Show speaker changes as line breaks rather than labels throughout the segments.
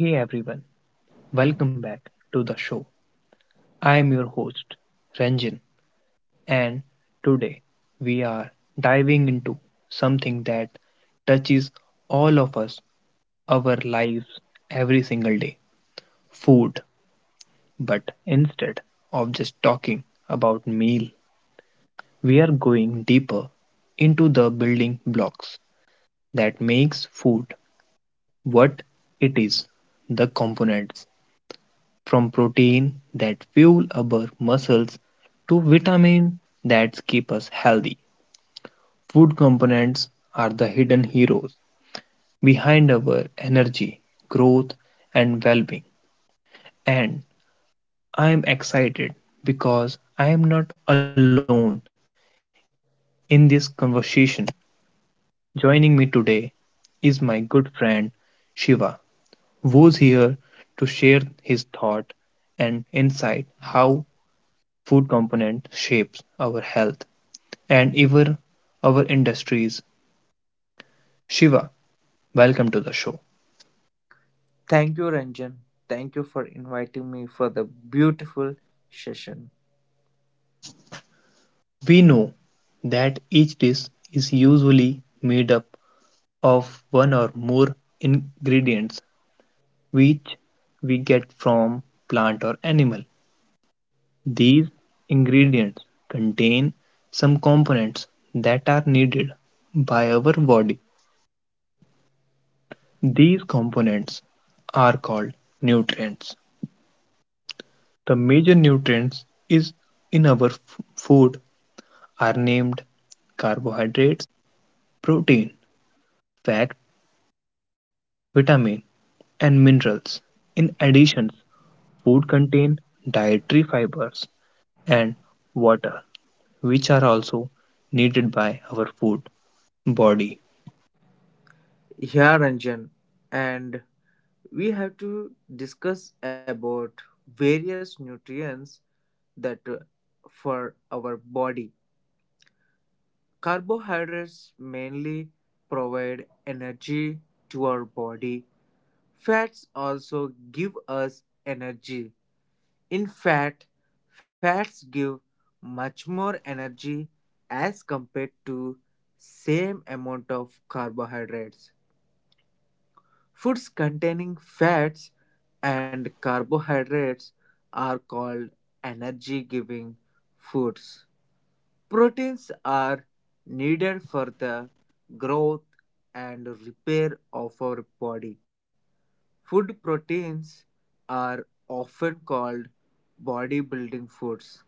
Hey everyone, welcome back to the show. I am your host, Ranjan, and today we are diving into something that touches all of us, our lives, every single day food. But instead of just talking about meal, we are going deeper into the building blocks that makes food what it is the components from protein that fuel our muscles to vitamin that keep us healthy. Food components are the hidden heroes behind our energy, growth and well-being. And I am excited because I am not alone in this conversation. Joining me today is my good friend Shiva, who's here to share his thought and insight how food component shapes our health and ever our industries. Shiva, welcome to the show.
Thank you, Ranjan. Thank you for inviting me for the beautiful session.
We know that each dish is usually made up of one or more ingredients which we get from plant or animal. These ingredients contain some components that are needed by our body. These components are called nutrients. The major nutrients is in our food are named carbohydrates, protein, fat, vitamin, and minerals. In addition, food contain dietary fibers and water, which are also needed by our food body.
Yeah, Ranjan. And we have to discuss about various nutrients that for our body. Carbohydrates mainly provide energy to our body. Fats also give us energy. In fact, fats give much more energy as compared to same amount of carbohydrates. Foods containing fats and carbohydrates are called energy giving foods. Proteins are needed for the growth and repair of our body. Food proteins are often called bodybuilding foods.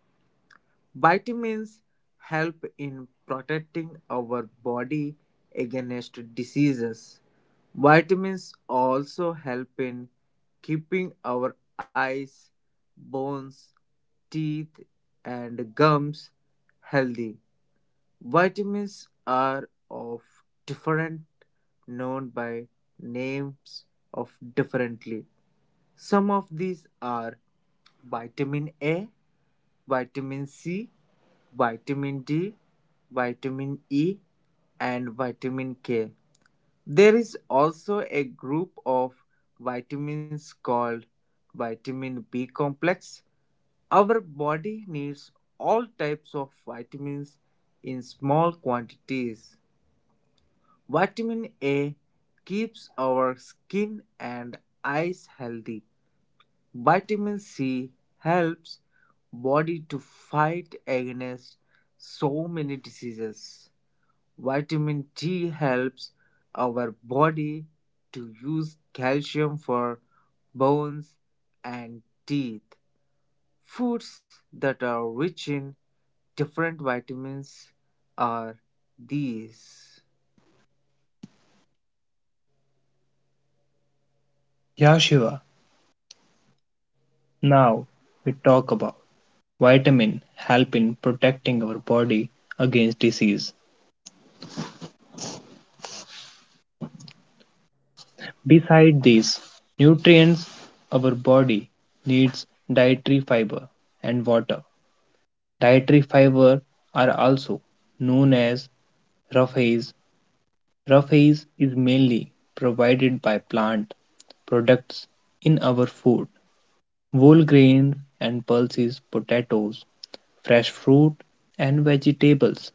Vitamins help in protecting our body against diseases. Vitamins also help in keeping our eyes, bones, teeth, and gums healthy. Vitamins are of different known by names of differently. Some of these are vitamin A, vitamin C, vitamin D, vitamin E, and vitamin K. There is also a group of vitamins called vitamin B complex. Our body needs all types of vitamins in small quantities. Vitamin A keeps our skin and eyes healthy. Vitamin C helps body to fight against so many diseases. Vitamin D helps our body to use calcium for bones and teeth. Foods that are rich in different vitamins are these.
Yeah, Shiva. Now we talk about vitamin help in protecting our body against disease. Beside these nutrients, our body needs dietary fiber and water. Dietary fiber are also known as roughage. Roughage is mainly provided by plant products in our food, whole grains and pulses, potatoes, fresh fruit, and vegetables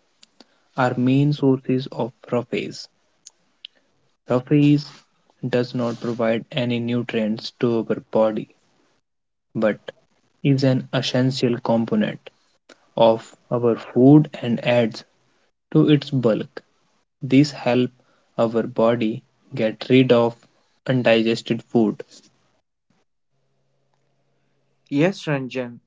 are main sources of roughage. Roughage does not provide any nutrients to our body, but is an essential component of our food and adds to its bulk. These help our body get rid of undigested food.
Yes, Ranjan.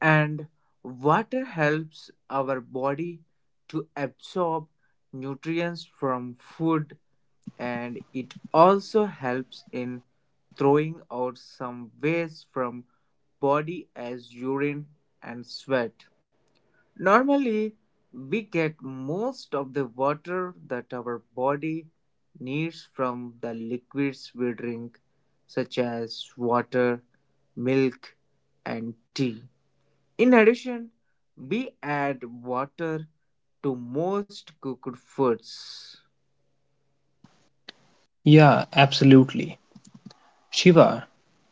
And water helps our body to absorb nutrients from food and it also helps in throwing out some waste from body as urine and sweat. Normally, we get most of the water that our body needs from the liquids we drink, such as water, milk, and tea. In addition, we add water to most cooked foods.
Yeah, absolutely. Shiva,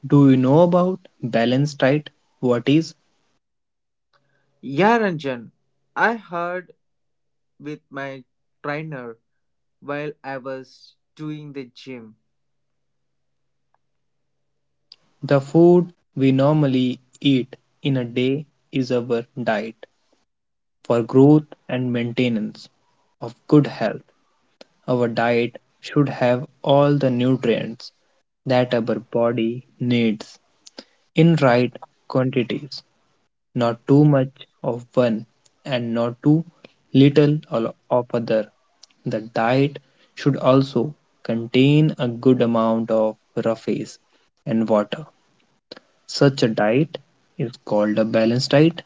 do you know about balanced diet? What is
Yeah, Ranjan, I heard with my trainer while I was doing the gym.
the food we normally eat in a day is our diet for growth and maintenance of good health. Our diet should have all the nutrients that our body needs in right quantities, not too much of one and not too little of other. The diet should also contain a good amount of roughage and water. Such a diet is called a balanced diet.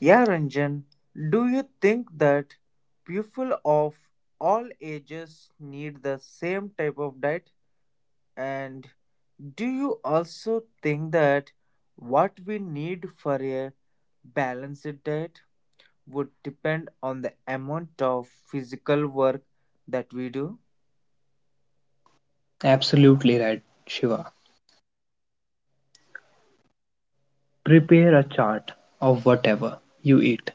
Yeah, Ranjan, do you think that people of all ages need the same type of diet? And do you also think that what we need for a balanced diet would depend on the amount of physical work that we do?
Absolutely right, Shiva. Prepare a chart of whatever you eat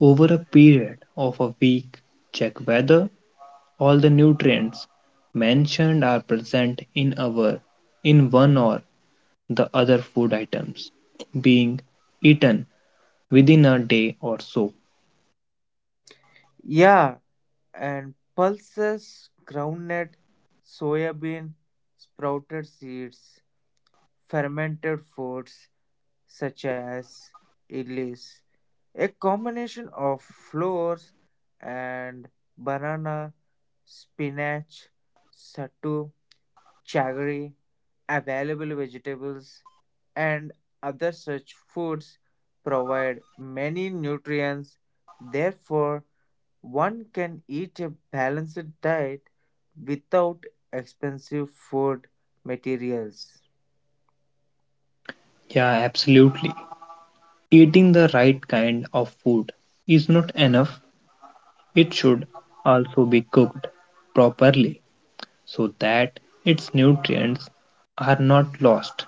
over a period of a week. Check whether all the nutrients mentioned are present in our in one or the other food items being eaten within a day or so.
Yeah, and pulses, groundnut, soybean, sprouted seeds, fermented foods such as ellis, a combination of flours and banana, spinach, sattu, jaggery, available vegetables, and other such foods provide many nutrients. Therefore, one can eat a balanced diet without expensive food materials.
Yeah, absolutely. Eating the right kind of food is not enough, it should also be cooked properly so that its nutrients are not lost.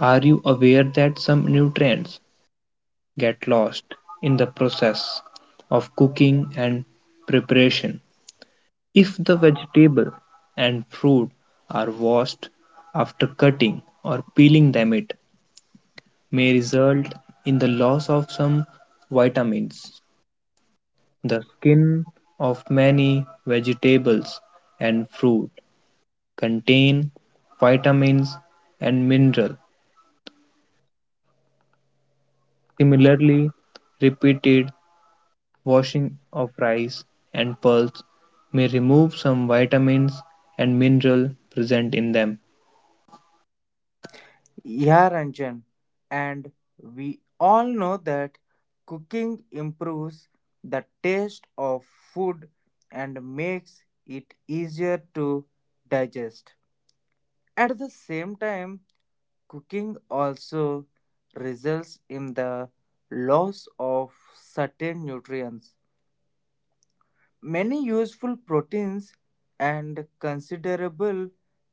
Are you aware that some nutrients get lost in the process of cooking and preparation? If the vegetable and fruit are washed after cutting or peeling them it may result in the loss of some vitamins. The skin of many vegetables and fruit contain vitamins and mineral. Similarly, repeated washing of rice and pulse may remove some vitamins and mineral present in them.
Yeah, Ranjan, and we all know that cooking improves the taste of food and makes it easier to digest. At the same time, cooking also results in the loss of certain nutrients. Many useful proteins and considerable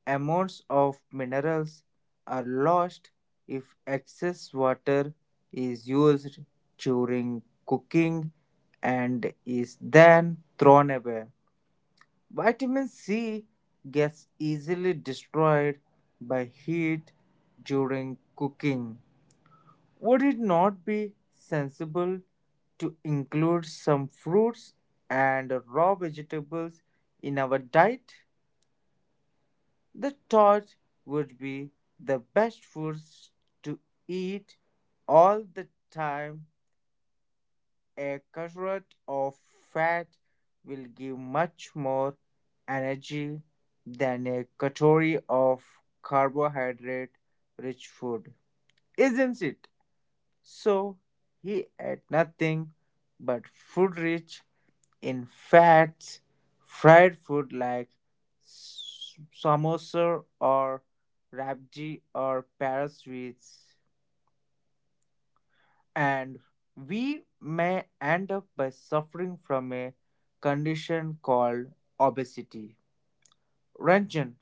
amounts of minerals are lost if excess water is used during cooking and is then thrown away. Vitamin C gets easily destroyed by heat during cooking. Would it not be sensible to include some fruits and raw vegetables in our diet? The thought would be the best foods to eat all the time. A carrot of fat will give much more energy than a calorie of carbohydrate rich food, isn't it? So he ate nothing but food rich in fats, fried food like samosa or rabji or parasweets, sweets, and we may end up by suffering from a condition called obesity. Ranjan,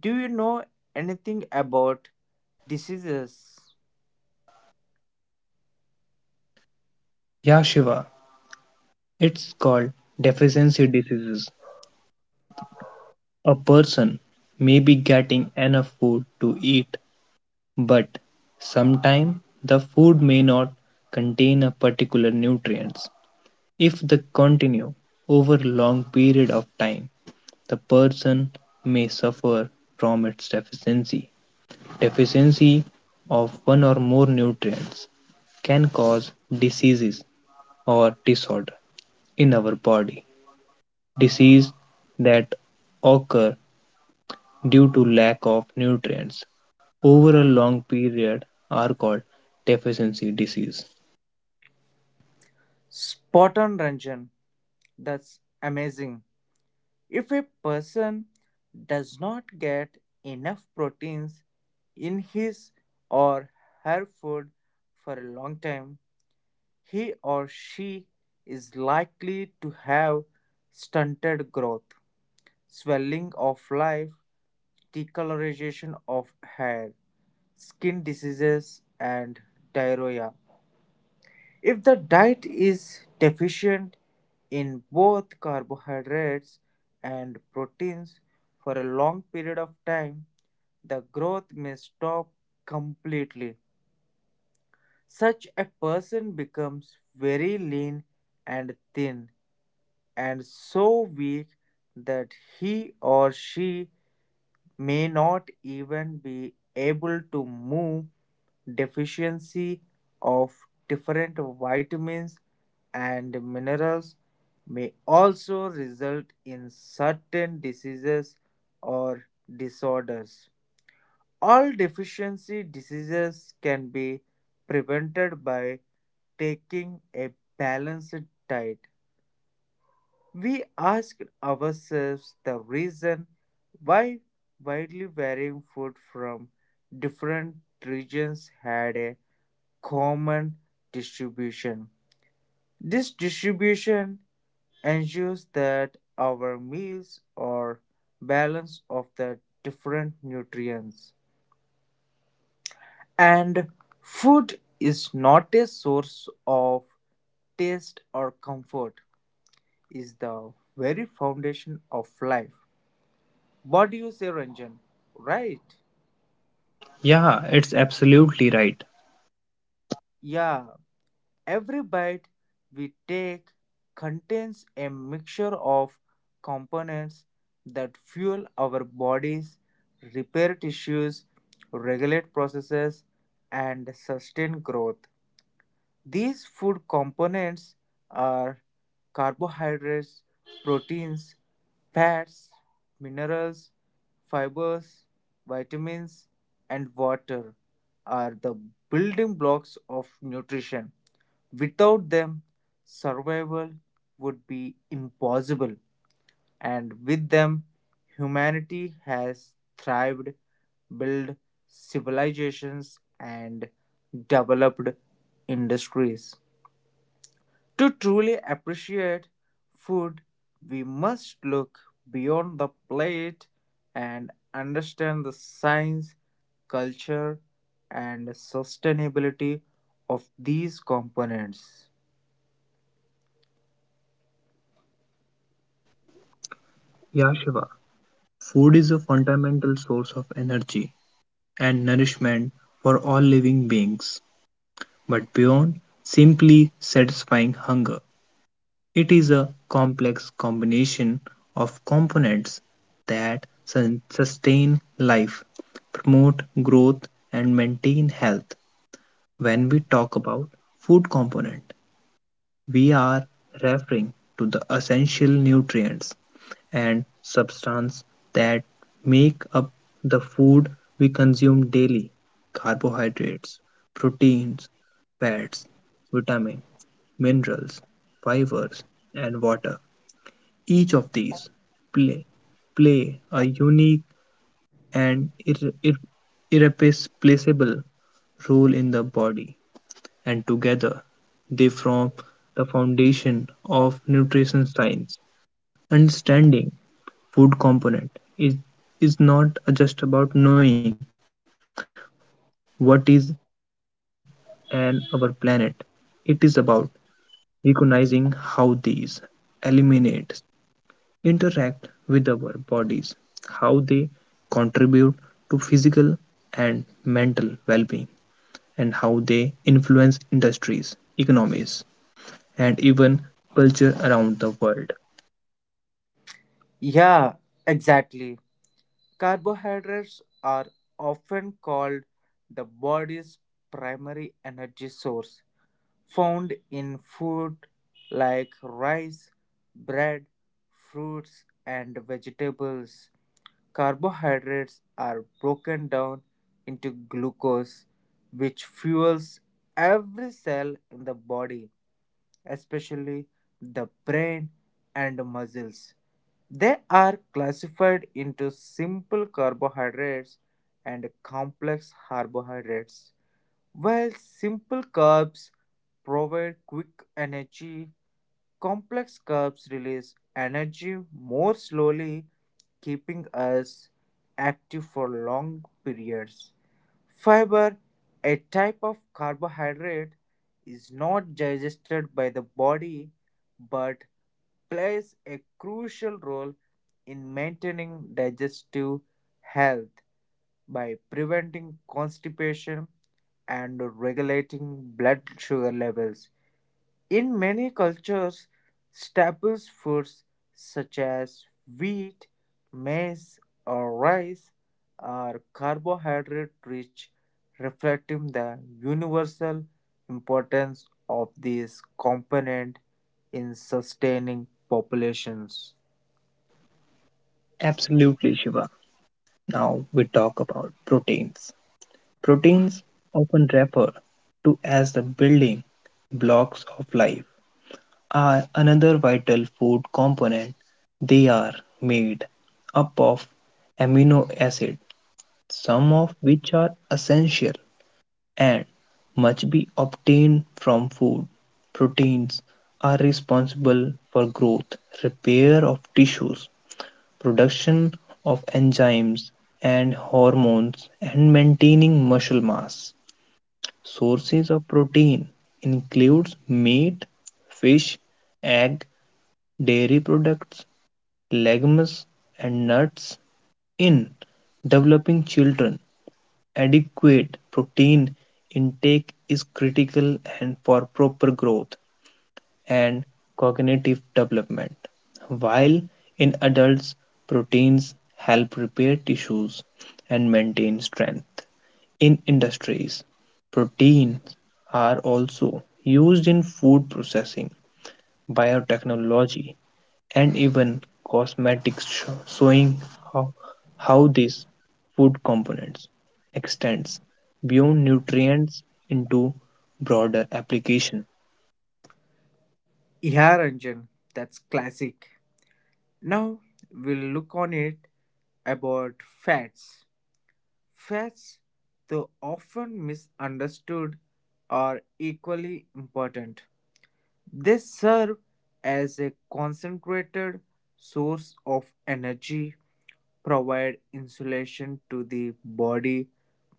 do you know anything about diseases?
Ya Shiva, it's called deficiency diseases. A person may be getting enough food to eat, but sometimes the food may not contain a particular nutrients. If they continue over a long period of time, the person may suffer from its deficiency. Deficiency of one or more nutrients can cause diseases or disorder in our body. Disease that occur due to lack of nutrients over a long period are called deficiency disease.
Spot on, Ranjan. That's amazing. If a person does not get enough proteins in his or her food for a long time, he or she is likely to have stunted growth, swelling of life, decolorization of hair, skin diseases, and diarrhea. If the diet is deficient in both carbohydrates and proteins for a long period of time, the growth may stop completely. Such a person becomes very lean and thin and so weak that he or she may not even be able to move. Deficiency of different vitamins and minerals may also result in certain diseases or disorders. All deficiency diseases can be prevented by taking a balanced diet. We asked ourselves the reason why widely varying food from different regions had a common distribution. This distribution ensures that our meals are balanced of the different nutrients. And food is not a source of taste or comfort, is the very foundation of life. What do you say, Ranjan? Right?
Yeah, it's absolutely right.
Yeah, every bite we take contains a mixture of components that fuel our bodies, repair tissues, regulate processes, and sustain growth. These food components are carbohydrates, proteins, fats, minerals, fibers, vitamins, and water are the building blocks of nutrition. Without them, survival would be impossible, and with them, humanity has thrived, built civilizations, and developed industries. To truly appreciate food, we must look beyond the plate and understand the science, culture, and sustainability of these components.
Yeah, Shiva. Food is a fundamental source of energy and nourishment for all living beings, but beyond simply satisfying hunger, it is a complex combination of components that sustain life, promote growth, and maintain health. When we talk about food component, we are referring to the essential nutrients and substance that make up the food we consume daily. Carbohydrates, proteins, fats, vitamins, minerals, fibers, and water. Each of these play, play a unique and irreplaceable role in the body and together they form the foundation of nutrition science. Understanding food component is not just about knowing what is on our planet. It is about recognizing how these eliminates interact with our bodies, how they contribute to physical and mental well-being, and how they influence industries, economies, and even culture around the world.
Yeah, exactly. Carbohydrates are often called the body's primary energy source, found in food like rice, bread, fruits, and vegetables. Carbohydrates are broken down into glucose, which fuels every cell in the body, especially the brain and muscles. They are classified into simple carbohydrates and complex carbohydrates. While simple carbs provide quick energy, complex carbs release energy more slowly, keeping us active for long periods. Fiber, a type of carbohydrate, is not digested by the body but plays a crucial role in maintaining digestive health by preventing constipation and regulating blood sugar levels. In many cultures, staple foods such as wheat, maize, or rice are carbohydrate-rich, reflecting the universal importance of these components in sustaining populations.
Absolutely, Shiva. Now we talk about proteins. Proteins, often referred to as the building blocks of life, are another vital food component. They are made up of amino acids, some of which are essential and must be obtained from food. Proteins are responsible for growth, repair of tissues, production of enzymes and hormones, and maintaining muscle mass. Sources of protein includes meat, fish, egg, dairy products, legumes, and nuts. In developing children, adequate protein intake is critical and for proper growth and cognitive development. While in adults, proteins help repair tissues and maintain strength. In industries, proteins are also used in food processing, biotechnology, and even cosmetics, showing how, how these food components extends beyond nutrients into broader application.
Yeah, Ranjan, that's classic. Now we'll look on it about fats. Fads, though often misunderstood, are equally important. They serve as a concentrated source of energy, provide insulation to the body,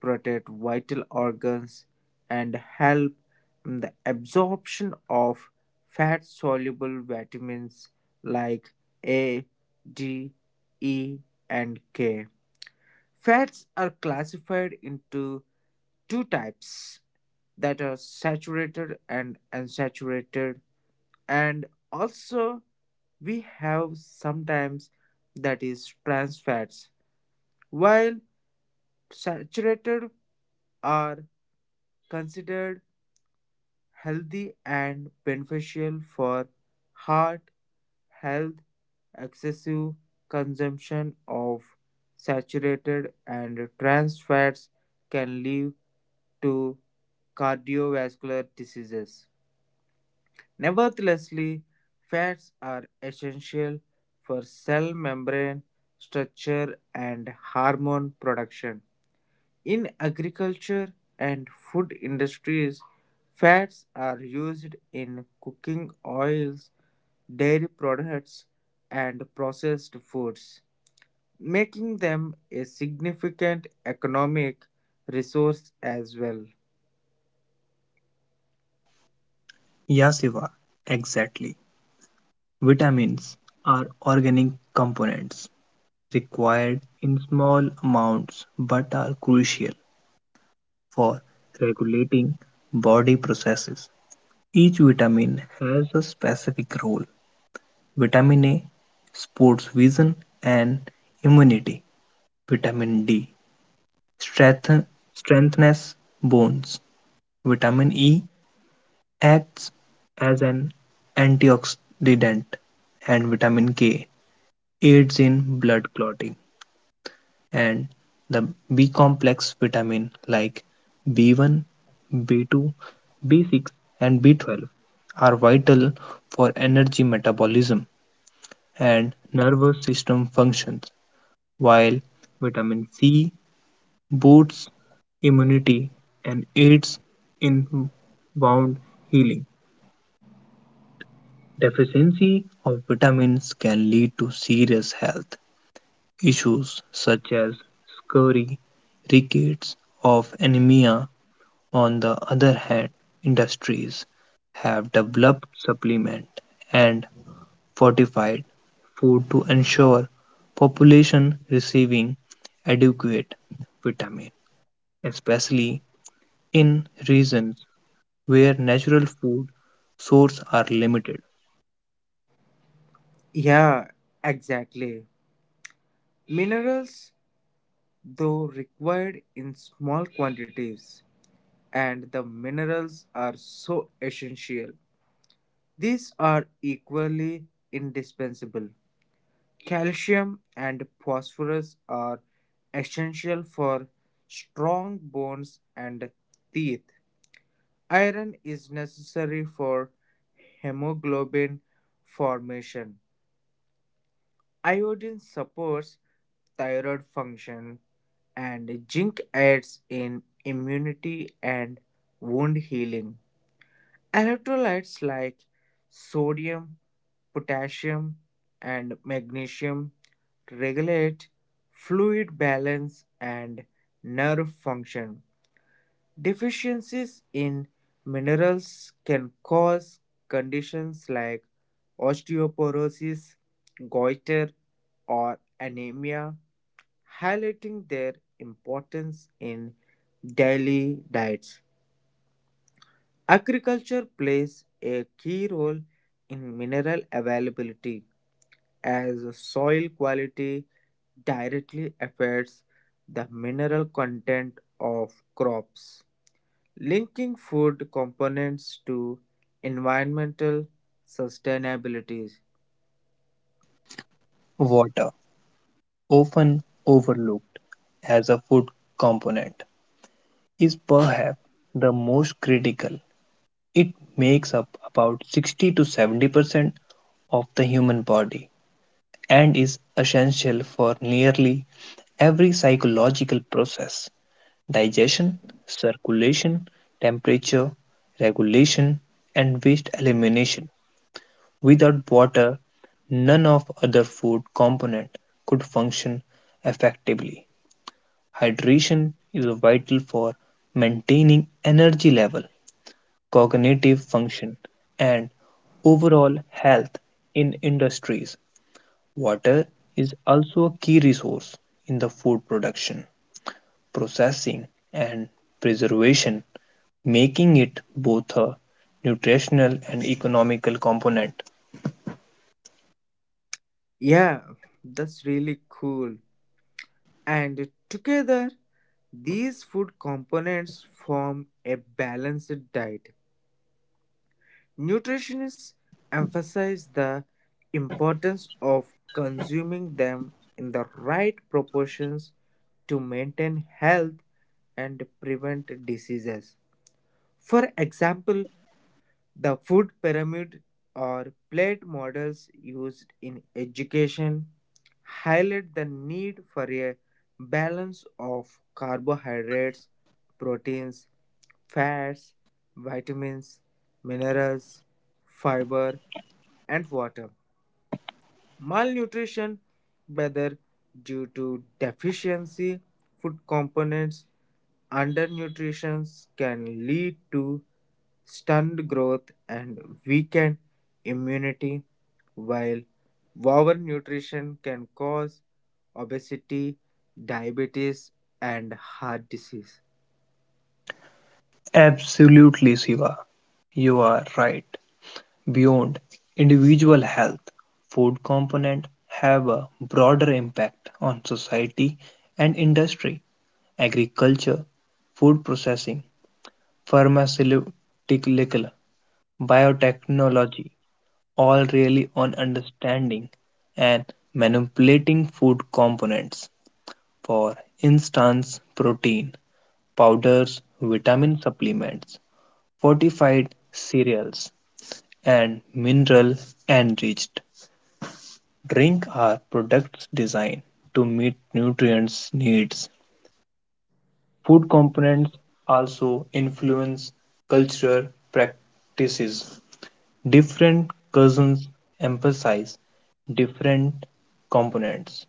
protect vital organs, and help in the absorption of fat soluble vitamins like A, D, E, and K. Fats are classified into two types that are saturated and unsaturated, and also we have sometimes that is trans fats. While saturated are considered healthy and beneficial for heart health. Excessive consumption of saturated and trans fats can lead to cardiovascular diseases. Nevertheless, fats are essential for cell membrane structure and hormone production. In agriculture and food industries, fats are used in cooking oils, dairy products, and processed foods, making them a significant economic resource as well.
Yeah, Siva, exactly. Vitamins are organic components required in small amounts but are crucial for regulating body processes. Each vitamin has a specific role. Vitamin A supports vision and immunity. Vitamin D strengthen, strengthens bones. Vitamin E acts as an antioxidant and vitamin K aids in blood clotting. And the B complex vitamin like B1, B2, B6, and B12 are vital for energy metabolism and nervous system functions, while vitamin C boosts immunity and aids in wound healing. Deficiency of vitamins can lead to serious health issues such as scurvy, rickets of anemia. On the other hand, industries have developed supplement and fortified food to ensure population receiving adequate vitamin, especially in regions where natural food sources are limited.
Yeah, exactly. Minerals, though, required in small quantities, and the minerals are so essential. These are equally indispensable. Calcium and phosphorus are essential for strong bones and teeth. Iron is necessary for hemoglobin formation. Iodine supports thyroid function, and zinc aids in immunity and wound healing. Electrolytes like sodium, potassium, and magnesium regulate fluid balance and nerve function. Deficiencies in minerals can cause conditions like osteoporosis, goiter, or anemia, highlighting their importance in daily diets. Agriculture plays a key role in mineral availability as soil quality directly affects the mineral content of crops. Linking food components to environmental sustainability.
Water, often overlooked as a food component, is perhaps the most critical. It makes up about 60 to 70% of the human body and is essential for nearly every psychological process digestion, circulation, temperature regulation, and waste elimination. Without water, none of other food component could function effectively. Hydration is vital for maintaining energy level, cognitive function, and overall health in industries. Water is also a key resource in the food production, processing, and preservation, making it both a nutritional and economical component.
Yeah, that's really cool. And together, these food components form a balanced diet. Nutritionists emphasize the importance of consuming them in the right proportions to maintain health and prevent diseases. For example, the food pyramid or plate models used in education highlight the need for a balance of carbohydrates, proteins, fats, vitamins, minerals, fiber, and water. Malnutrition, whether due to deficiency food components, undernutrition can lead to stunned growth and weakened immunity, while overnutrition can cause obesity, diabetes, and heart disease.
Absolutely, Siva. You are right. Beyond individual health, food component have a broader impact on society and industry. Agriculture, food processing, pharmaceutical, biotechnology, all really on understanding and manipulating food components. For instance, protein, powders, vitamin supplements, fortified cereals, and mineral enriched drink are products designed to meet nutrients needs. Food components also influence cultural practices. Different cousins emphasize different components,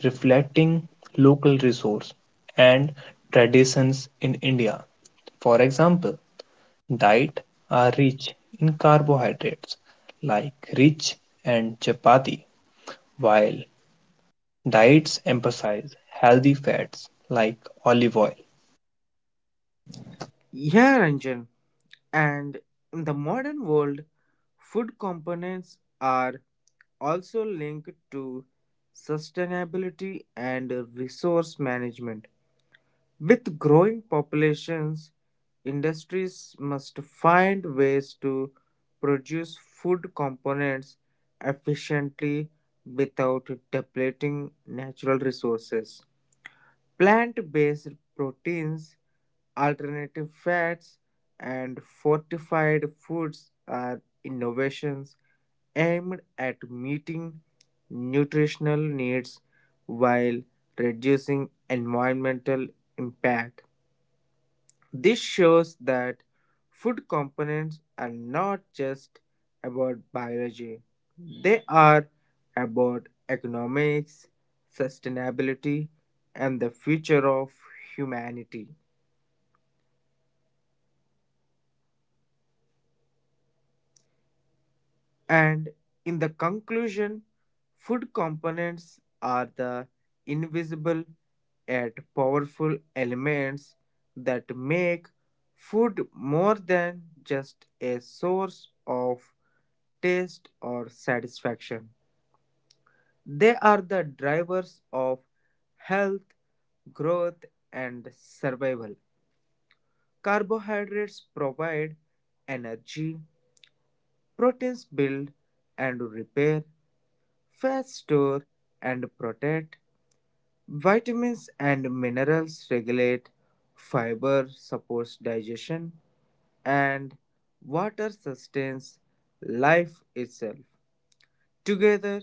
reflecting local resources and traditions in India. For example, diets are rich in carbohydrates like rich and chapati, while diets emphasize healthy fats like olive oil.
Yeah, Ranjan. And in the modern world, food components are also linked to sustainability and resource management. With growing populations, industries must find ways to produce food components efficiently without depleting natural resources. Plant-based proteins, alternative fats, and fortified foods are innovations aimed at meeting nutritional needs while reducing environmental impact. This shows that food components are not just about biology, they are about economics, sustainability, and the future of humanity. And in the conclusion, food components are the invisible yet powerful elements that make food more than just a source of taste or satisfaction. They are the drivers of health, growth, and survival. Carbohydrates provide energy, proteins build and repair, fat store and protect, vitamins and minerals regulate, fiber supports digestion, and water sustains life itself. Together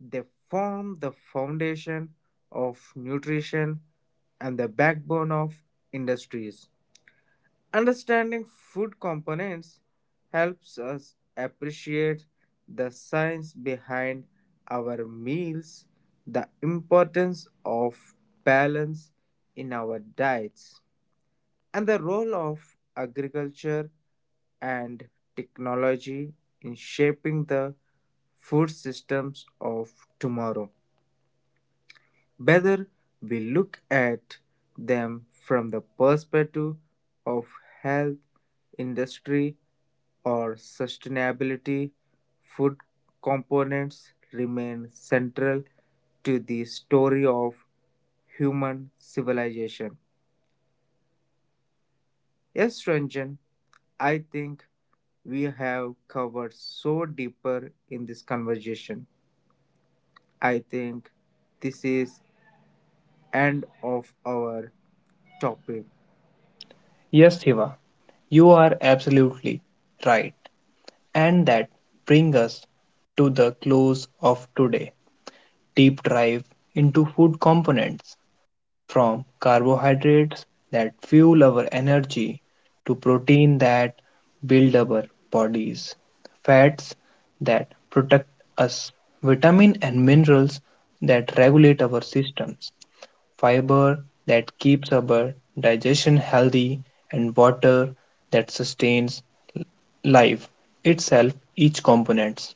they form the foundation of nutrition and the backbone of industries. Understanding food components helps us appreciate the science behind our meals, the importance of balance in our diets, and the role of agriculture and technology in shaping the food systems of tomorrow. Whether we look at them from the perspective of health, industry, or sustainability, food components remain central to the story of human civilization. Yes, Ranjan, I think we have covered so deeper in this conversation. I think this is end of our topic.
Yes, Shiva, you are absolutely right. And that brings us to the close of today deep dive into food components from carbohydrates that fuel our energy to protein that build our bodies, fats that protect us, vitamin and minerals that regulate our systems, fiber that keeps our digestion healthy, and water that sustains life itself. Each component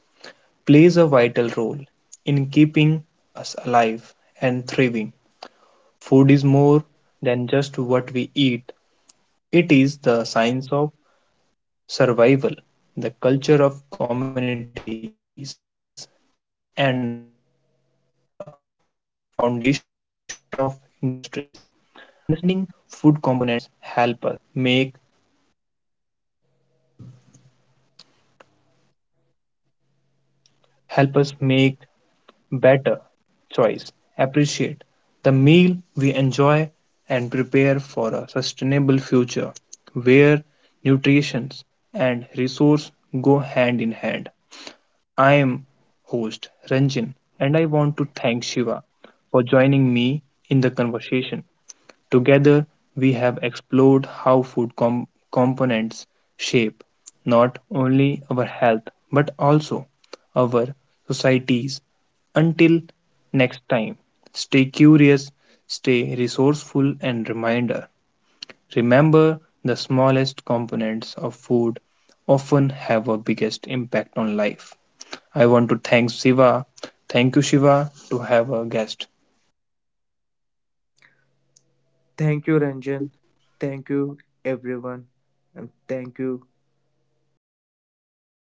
plays a vital role in keeping us alive and thriving. Food is more than just what we eat, it is the science of survival, the culture of communities, and the foundation of industries. Understanding food components make help us make better choice, appreciate the meal we enjoy and prepare for a sustainable future where nutrition and resource go hand in hand. I am host Ranjan and I want to thank Shiva for joining me in the conversation. Together, we have explored how components shape not only our health but also our societies. Until next time, stay curious, stay resourceful, and reminder remember the smallest components of food often have a biggest impact on life. I want to thank Shiva. Thank you, Shiva, to have a guest.
Thank you, Ranjan. Thank you, everyone, and thank you. Bye